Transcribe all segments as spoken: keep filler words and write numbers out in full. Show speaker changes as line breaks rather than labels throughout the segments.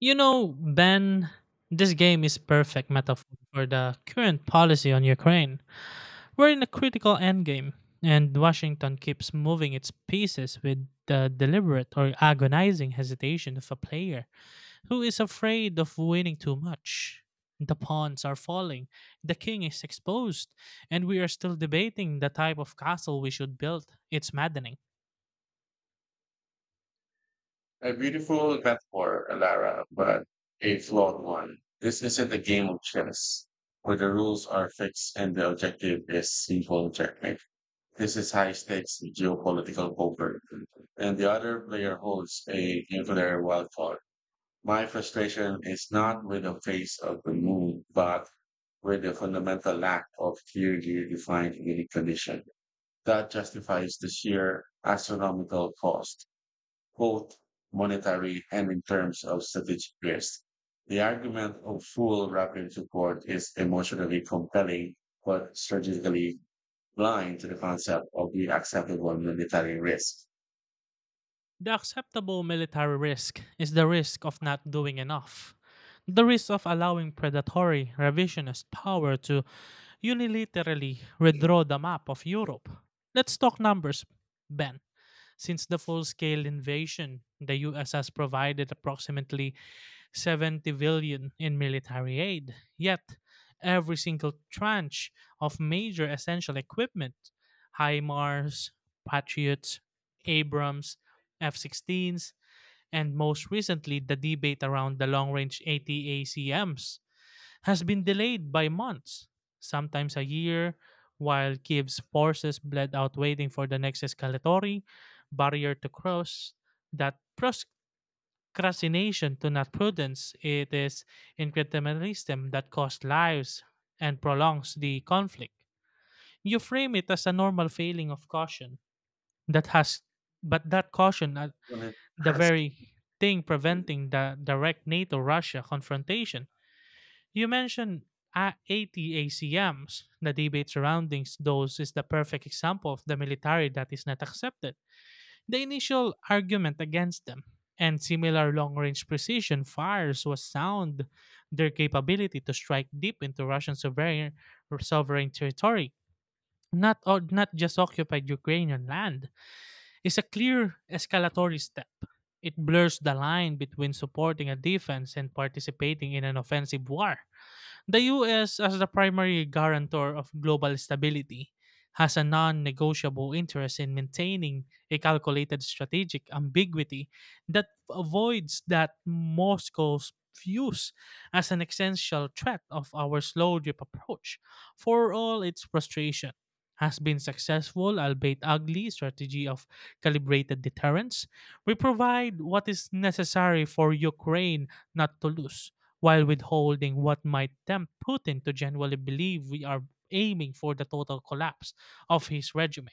You know, Ben, this game is perfect metaphor for the current policy on Ukraine. We're in a critical endgame, and Washington keeps moving its pieces with the deliberate or agonizing hesitation of a player who is afraid of winning too much. The pawns are falling, the king is exposed, and we are still debating the type of castle we should build. It's maddening.
A beautiful metaphor, Lara, but a flawed one. This isn't a game of chess where the rules are fixed and the objective is simple checkmate. This is high stakes geopolitical poker, and the other player holds a nuclear wild card. My frustration is not with the face of the moon, but with the fundamental lack of clearly defined winning condition. That justifies the sheer astronomical cost both monetary and in terms of strategic risk. The argument of full rapid support is emotionally compelling, but strategically blind to the concept of the acceptable monetary risk.
The acceptable military risk is the risk of not doing enough, the risk of allowing predatory revisionist power to unilaterally redraw the map of Europe. Let's talk numbers, Ben. Since the full scale invasion, the U S has provided approximately seventy billion in military aid, yet every single tranche of major essential equipment, HIMARS, Patriots, Abrams, F sixteens, and most recently the debate around the long-range ATACMs, has been delayed by months, sometimes a year, while Kiev's forces bled out waiting for the next escalatory barrier to cross. That procrastination to not prudence, it is incrementalism that costs lives and prolongs the conflict. You frame it as a normal failing of caution that has, but that caution uh,
When it
the
has
very thing preventing the direct NATO Russia confrontation. You mentioned A- ATACMs. The debate surrounding those is the perfect example of the military that is not accepted. The initial argument against them and similar long range precision fires was sound, their capability to strike deep into Russian sovereign, sovereign territory, not, o- not just occupied Ukrainian land, is a clear escalatory step. It blurs the line between supporting a defense and participating in an offensive war. The U S, as the primary guarantor of global stability, has a non negotiable interest in maintaining a calculated strategic ambiguity that avoids that Moscow's views as an essential threat of our slow drip approach, for all its frustration, has been successful albeit ugly strategy of calibrated deterrence. We provide what is necessary for Ukraine not to lose, while withholding what might tempt Putin to genuinely believe we are aiming for the total collapse of his regime.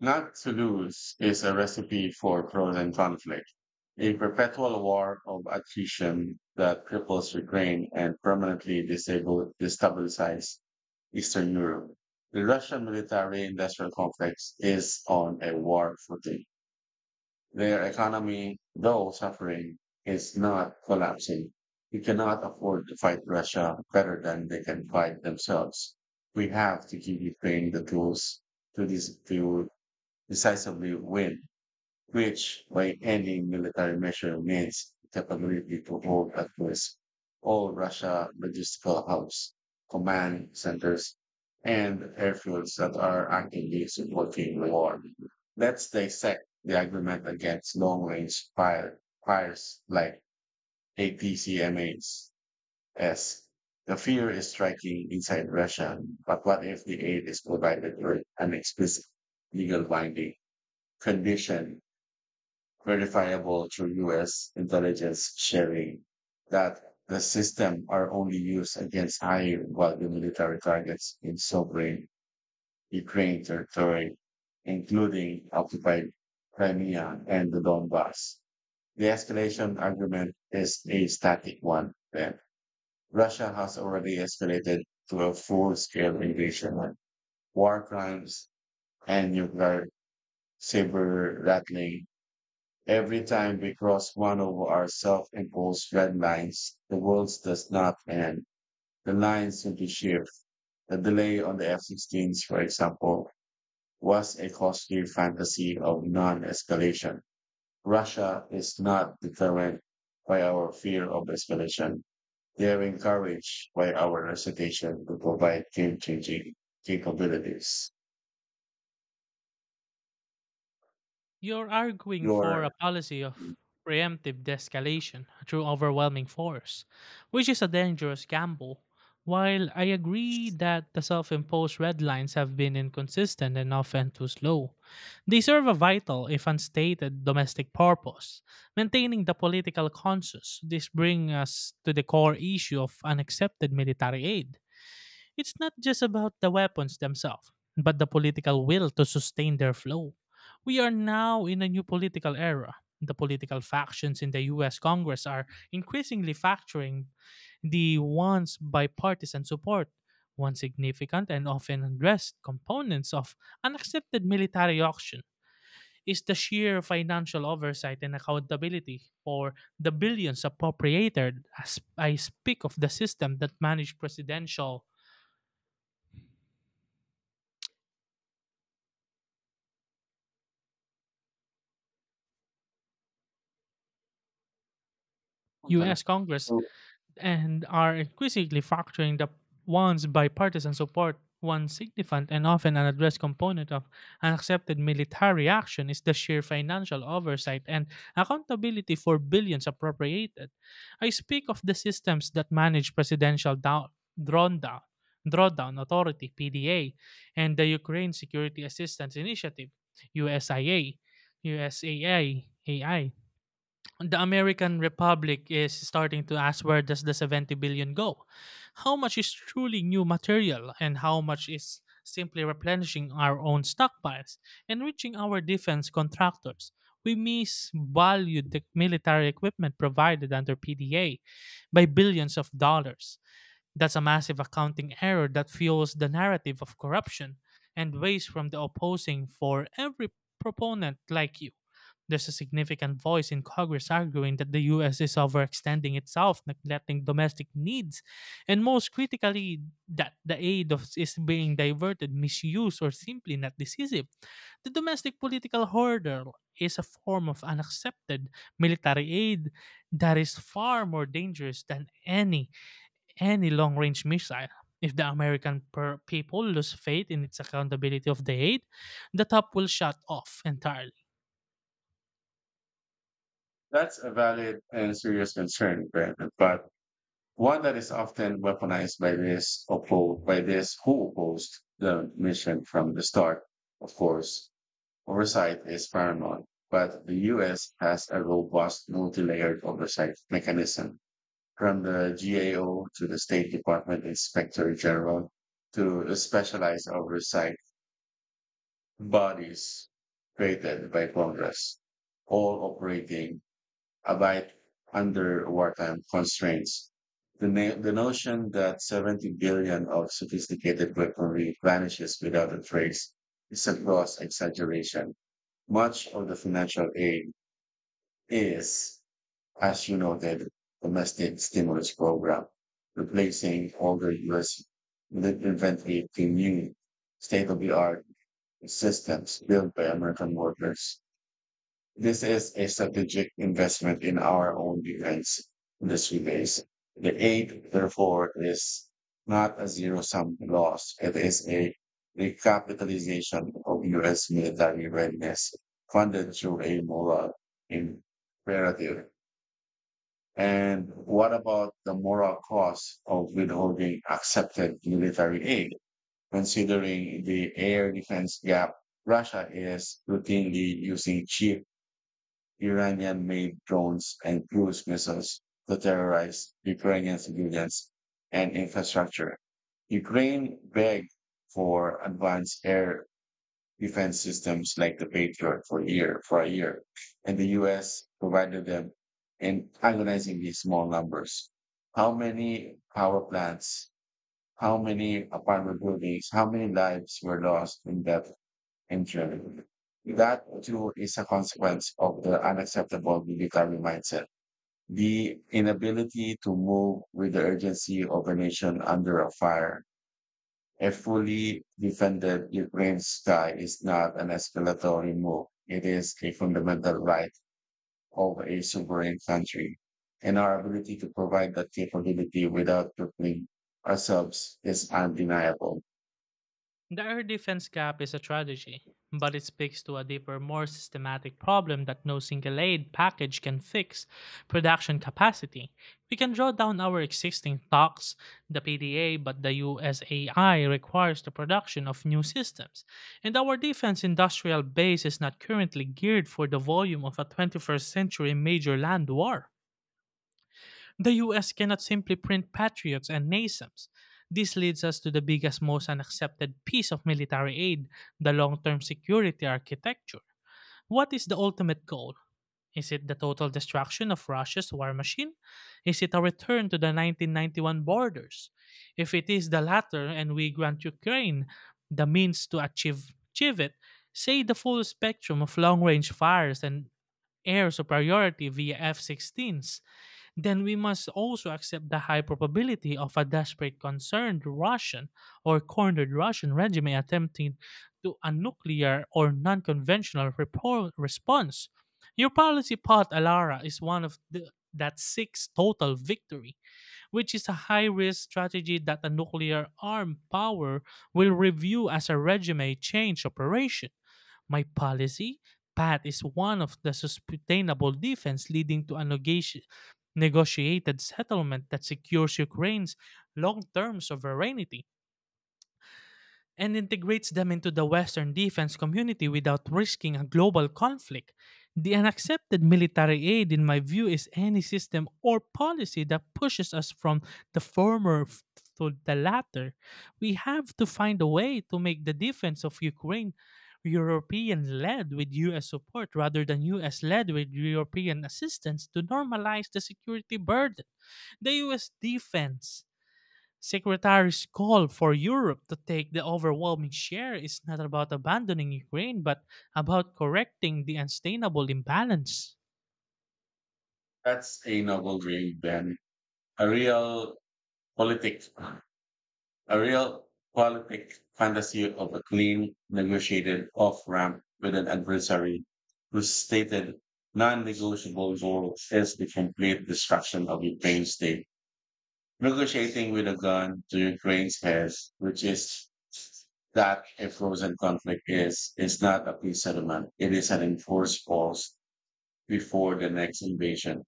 not to lose is a recipe for frozen conflict, a perpetual war of attrition that cripples Ukraine and permanently disables, destabilizes Eastern Europe. The Russian military industrial complex is on a war footing. Their economy, though suffering, is not collapsing. We cannot afford to fight Russia better than they can fight themselves. We have to give Ukraine the tools to, dis- to decisively win, which by any military measure means the capability to hold at risk all Russia logistical hubs, command centers, and airfields that are actively supporting the war. Let's dissect the agreement against long-range fire, fires like A T C M A s. S. The fear is striking inside Russia, but what if the aid is provided with an explicit legal binding condition, verifiable through U S intelligence sharing, that the system are only used against high value military targets in sovereign Ukraine territory, including occupied Crimea and the Donbass. The escalation argument is a static one. Then Russia has already escalated to a full-scale invasion, war crimes, and nuclear saber rattling. Every time we cross one of our self imposed red lines, the world does not end. The lines simply shift. The delay on the F sixteens, for example, was a costly fantasy of non escalation. Russia is not determined by our fear of escalation. They are encouraged by our recitation to provide game changing capabilities.
You're arguing for a
Your,
policy of preemptive de-escalation through overwhelming force, which is a dangerous gamble. While I agree that the self imposed red lines have been inconsistent and often too slow, they serve a vital, if unstated, domestic purpose, maintaining the political conscience. This brings us to the core issue of unaccepted military aid. It's not just about the weapons themselves, but the political will to sustain their flow. We are now in a new political era. The political factions in the U S Congress are increasingly fracturing the once bipartisan support. One significant and often addressed components of unaccepted military auction is the sheer financial oversight and accountability for the billions appropriated, as I speak of the system that managed presidential, U S Congress,
so
and are increasingly factoring the once bipartisan support. One significant and often unaddressed component of unaccepted military action is the sheer financial oversight and accountability for billions appropriated. I speak of the systems that manage presidential down, drawdown, drawdown authority (P D A) and the Ukraine Security Assistance Initiative (U S I A), U S A A. The American Republic is starting to ask, where does the seventy billion go? How much is truly new material and how much is simply replenishing our own stockpiles, enriching our defense contractors? We misvalued the military equipment provided under P D A by billions of dollars. That's a massive accounting error that fuels the narrative of corruption and weighs from the opposing for every proponent like you. There's a significant voice in Congress arguing that the U S is overextending itself, neglecting domestic needs, and most critically, that the aid of, is being diverted, misused, or simply not decisive. The domestic political hurdle is a form of unaccepted military aid that is far more dangerous than any any long range missile. If the American per- people lose faith in its accountability of the aid, the top will shut off entirely.
that's a valid and serious concern, Brandon, but one that is often weaponized by this oppo- by this who opposed the mission from the start. Of course, oversight is paramount, but the U S has a robust multi-layered oversight mechanism, from the G A O to the State Department Inspector General to specialized oversight bodies created by Congress, all operating abide under wartime constraints. The, na- the notion that seventy billion of sophisticated weaponry vanishes without a trace is a gross exaggeration. Much of the financial aid is, as you noted, domestic stimulus program, replacing older U S lit- inventory to new state-of-the-art systems built by American workers. This is a strategic investment in our own defense in the few days. The aid, therefore, is not a zero-sum loss. It is a recapitalization of U S military readiness funded through a moral imperative. And what about the moral cost of withholding accepted military aid? Considering the air defense gap, Russia is routinely using cheap Iranian made drones and cruise missiles to terrorize Ukrainian civilians and infrastructure. Ukraine begged for advanced air defense systems like the Patriot for year for a year, and the U S provided them in agonizingly small numbers. How many power plants, how many apartment buildings, how many lives were lost in that injury. That too is a consequence of the unacceptable military mindset. The inability to move with the urgency of a nation under a fire. A fully defended Ukraine's sky is not an escalatory move. It is a fundamental right of a sovereign country. And our ability to provide that capability without crippling ourselves is undeniable.
The air defense gap is a strategy, but it speaks to a deeper, more systematic problem that no single aid package can fix: production capacity. We can draw down our existing stocks, the P D A, but the U S A I requires the production of new systems. And our defense industrial base is not currently geared for the volume of a twenty-first century major land war. The U S cannot simply print patriots and NASAMS. This leads us to the biggest, most unaccepted piece of military aid: the long term security architecture. What is the ultimate goal? Is it the total destruction of Russia's war machine? Is it a return to the nineteen ninety-one borders? If it is the latter and we grant Ukraine the means to achieve, achieve it, say the full spectrum of long range fires and air superiority via F sixteens, then we must also accept the high probability of a desperate, concerned Russian or cornered Russian regime attempting to a nuclear or non conventional repo- response. Your policy path, Alara, is one of the, that seeks total victory, which is a high risk strategy that a nuclear armed power will review as a regime change operation. My policy path is one of the sustainable defense leading to a negoti- negotiated settlement that secures Ukraine's long-term sovereignty and integrates them into the Western defense community without risking a global conflict. The unaccepted military aid, in my view, is any system or policy that pushes us from the former f- to the latter. We have to find a way to make the defense of Ukraine European led with U S support rather than U S led with European assistance to normalize the security burden. The U S defense Secretary's call for Europe to take the overwhelming share is not about abandoning Ukraine, but about correcting the unsustainable imbalance.
That's a noble dream, Ben. A real politic. A real quality fantasy of a clean, negotiated off ramp with an adversary whose stated non negotiable goal is the complete destruction of Ukraine's state. Negotiating with a gun to Ukraine's head, which is that a frozen conflict is, is not a peace settlement. It is an enforced pause before the next invasion.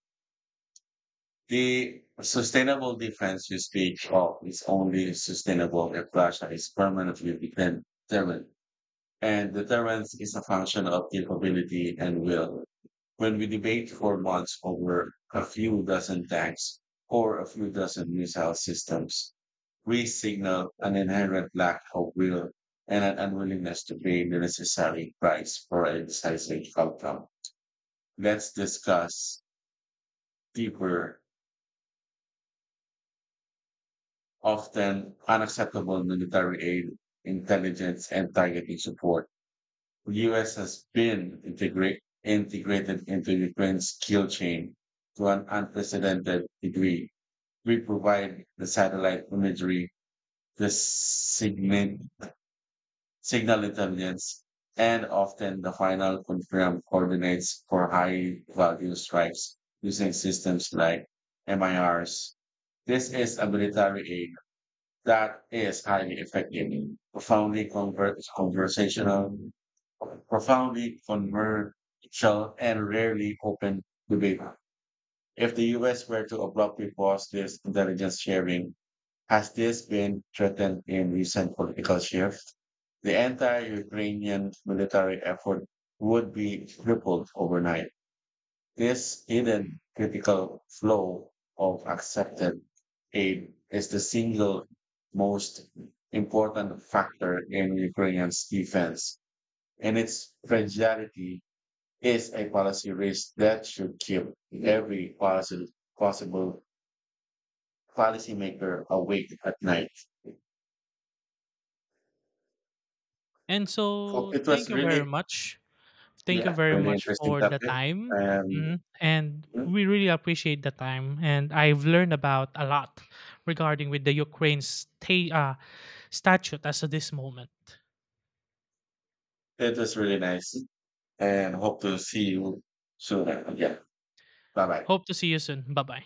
The sustainable defense you speak of is only sustainable if Russia is permanently determined. And deterrence is a function of capability and will. When we debate for months over a few dozen tanks or a few dozen missile systems, we signal an inherent lack of will and an unwillingness to pay the necessary price for a decisive outcome. Let's discuss deeper often unacceptable military aid, intelligence, and targeting support. The U S has been integrate, integrated into Ukraine's kill chain to an unprecedented degree. We provide the satellite imagery, the signal, signal intelligence, and often the final confirmed coordinates for high value strikes using systems like M I Rs. This is a military aid that is highly effective, profoundly convert, conversational, profoundly conversational, and rarely open debate. If the U S were to abruptly pause this intelligence sharing, has this been threatened in recent political shifts? The entire Ukrainian military effort would be crippled overnight. This hidden critical flow of accepted aid is the single most important factor in Ukraine's defense, and its fragility is a policy risk that should keep every policy, possible policymaker awake at night.
And
So
so,
it
thank
was
you very
really,
much. Thank you
yeah,
very
really
much
interesting
for the
topic,
time.
and
Mhm. And
hmm,
we really appreciate the time. And I've learned about a lot regarding with the Ukraine sta- uh, statute as of this moment.
it was really nice. And hope to see you soon. Yeah, bye bye.
Hope to see you soon. Bye bye.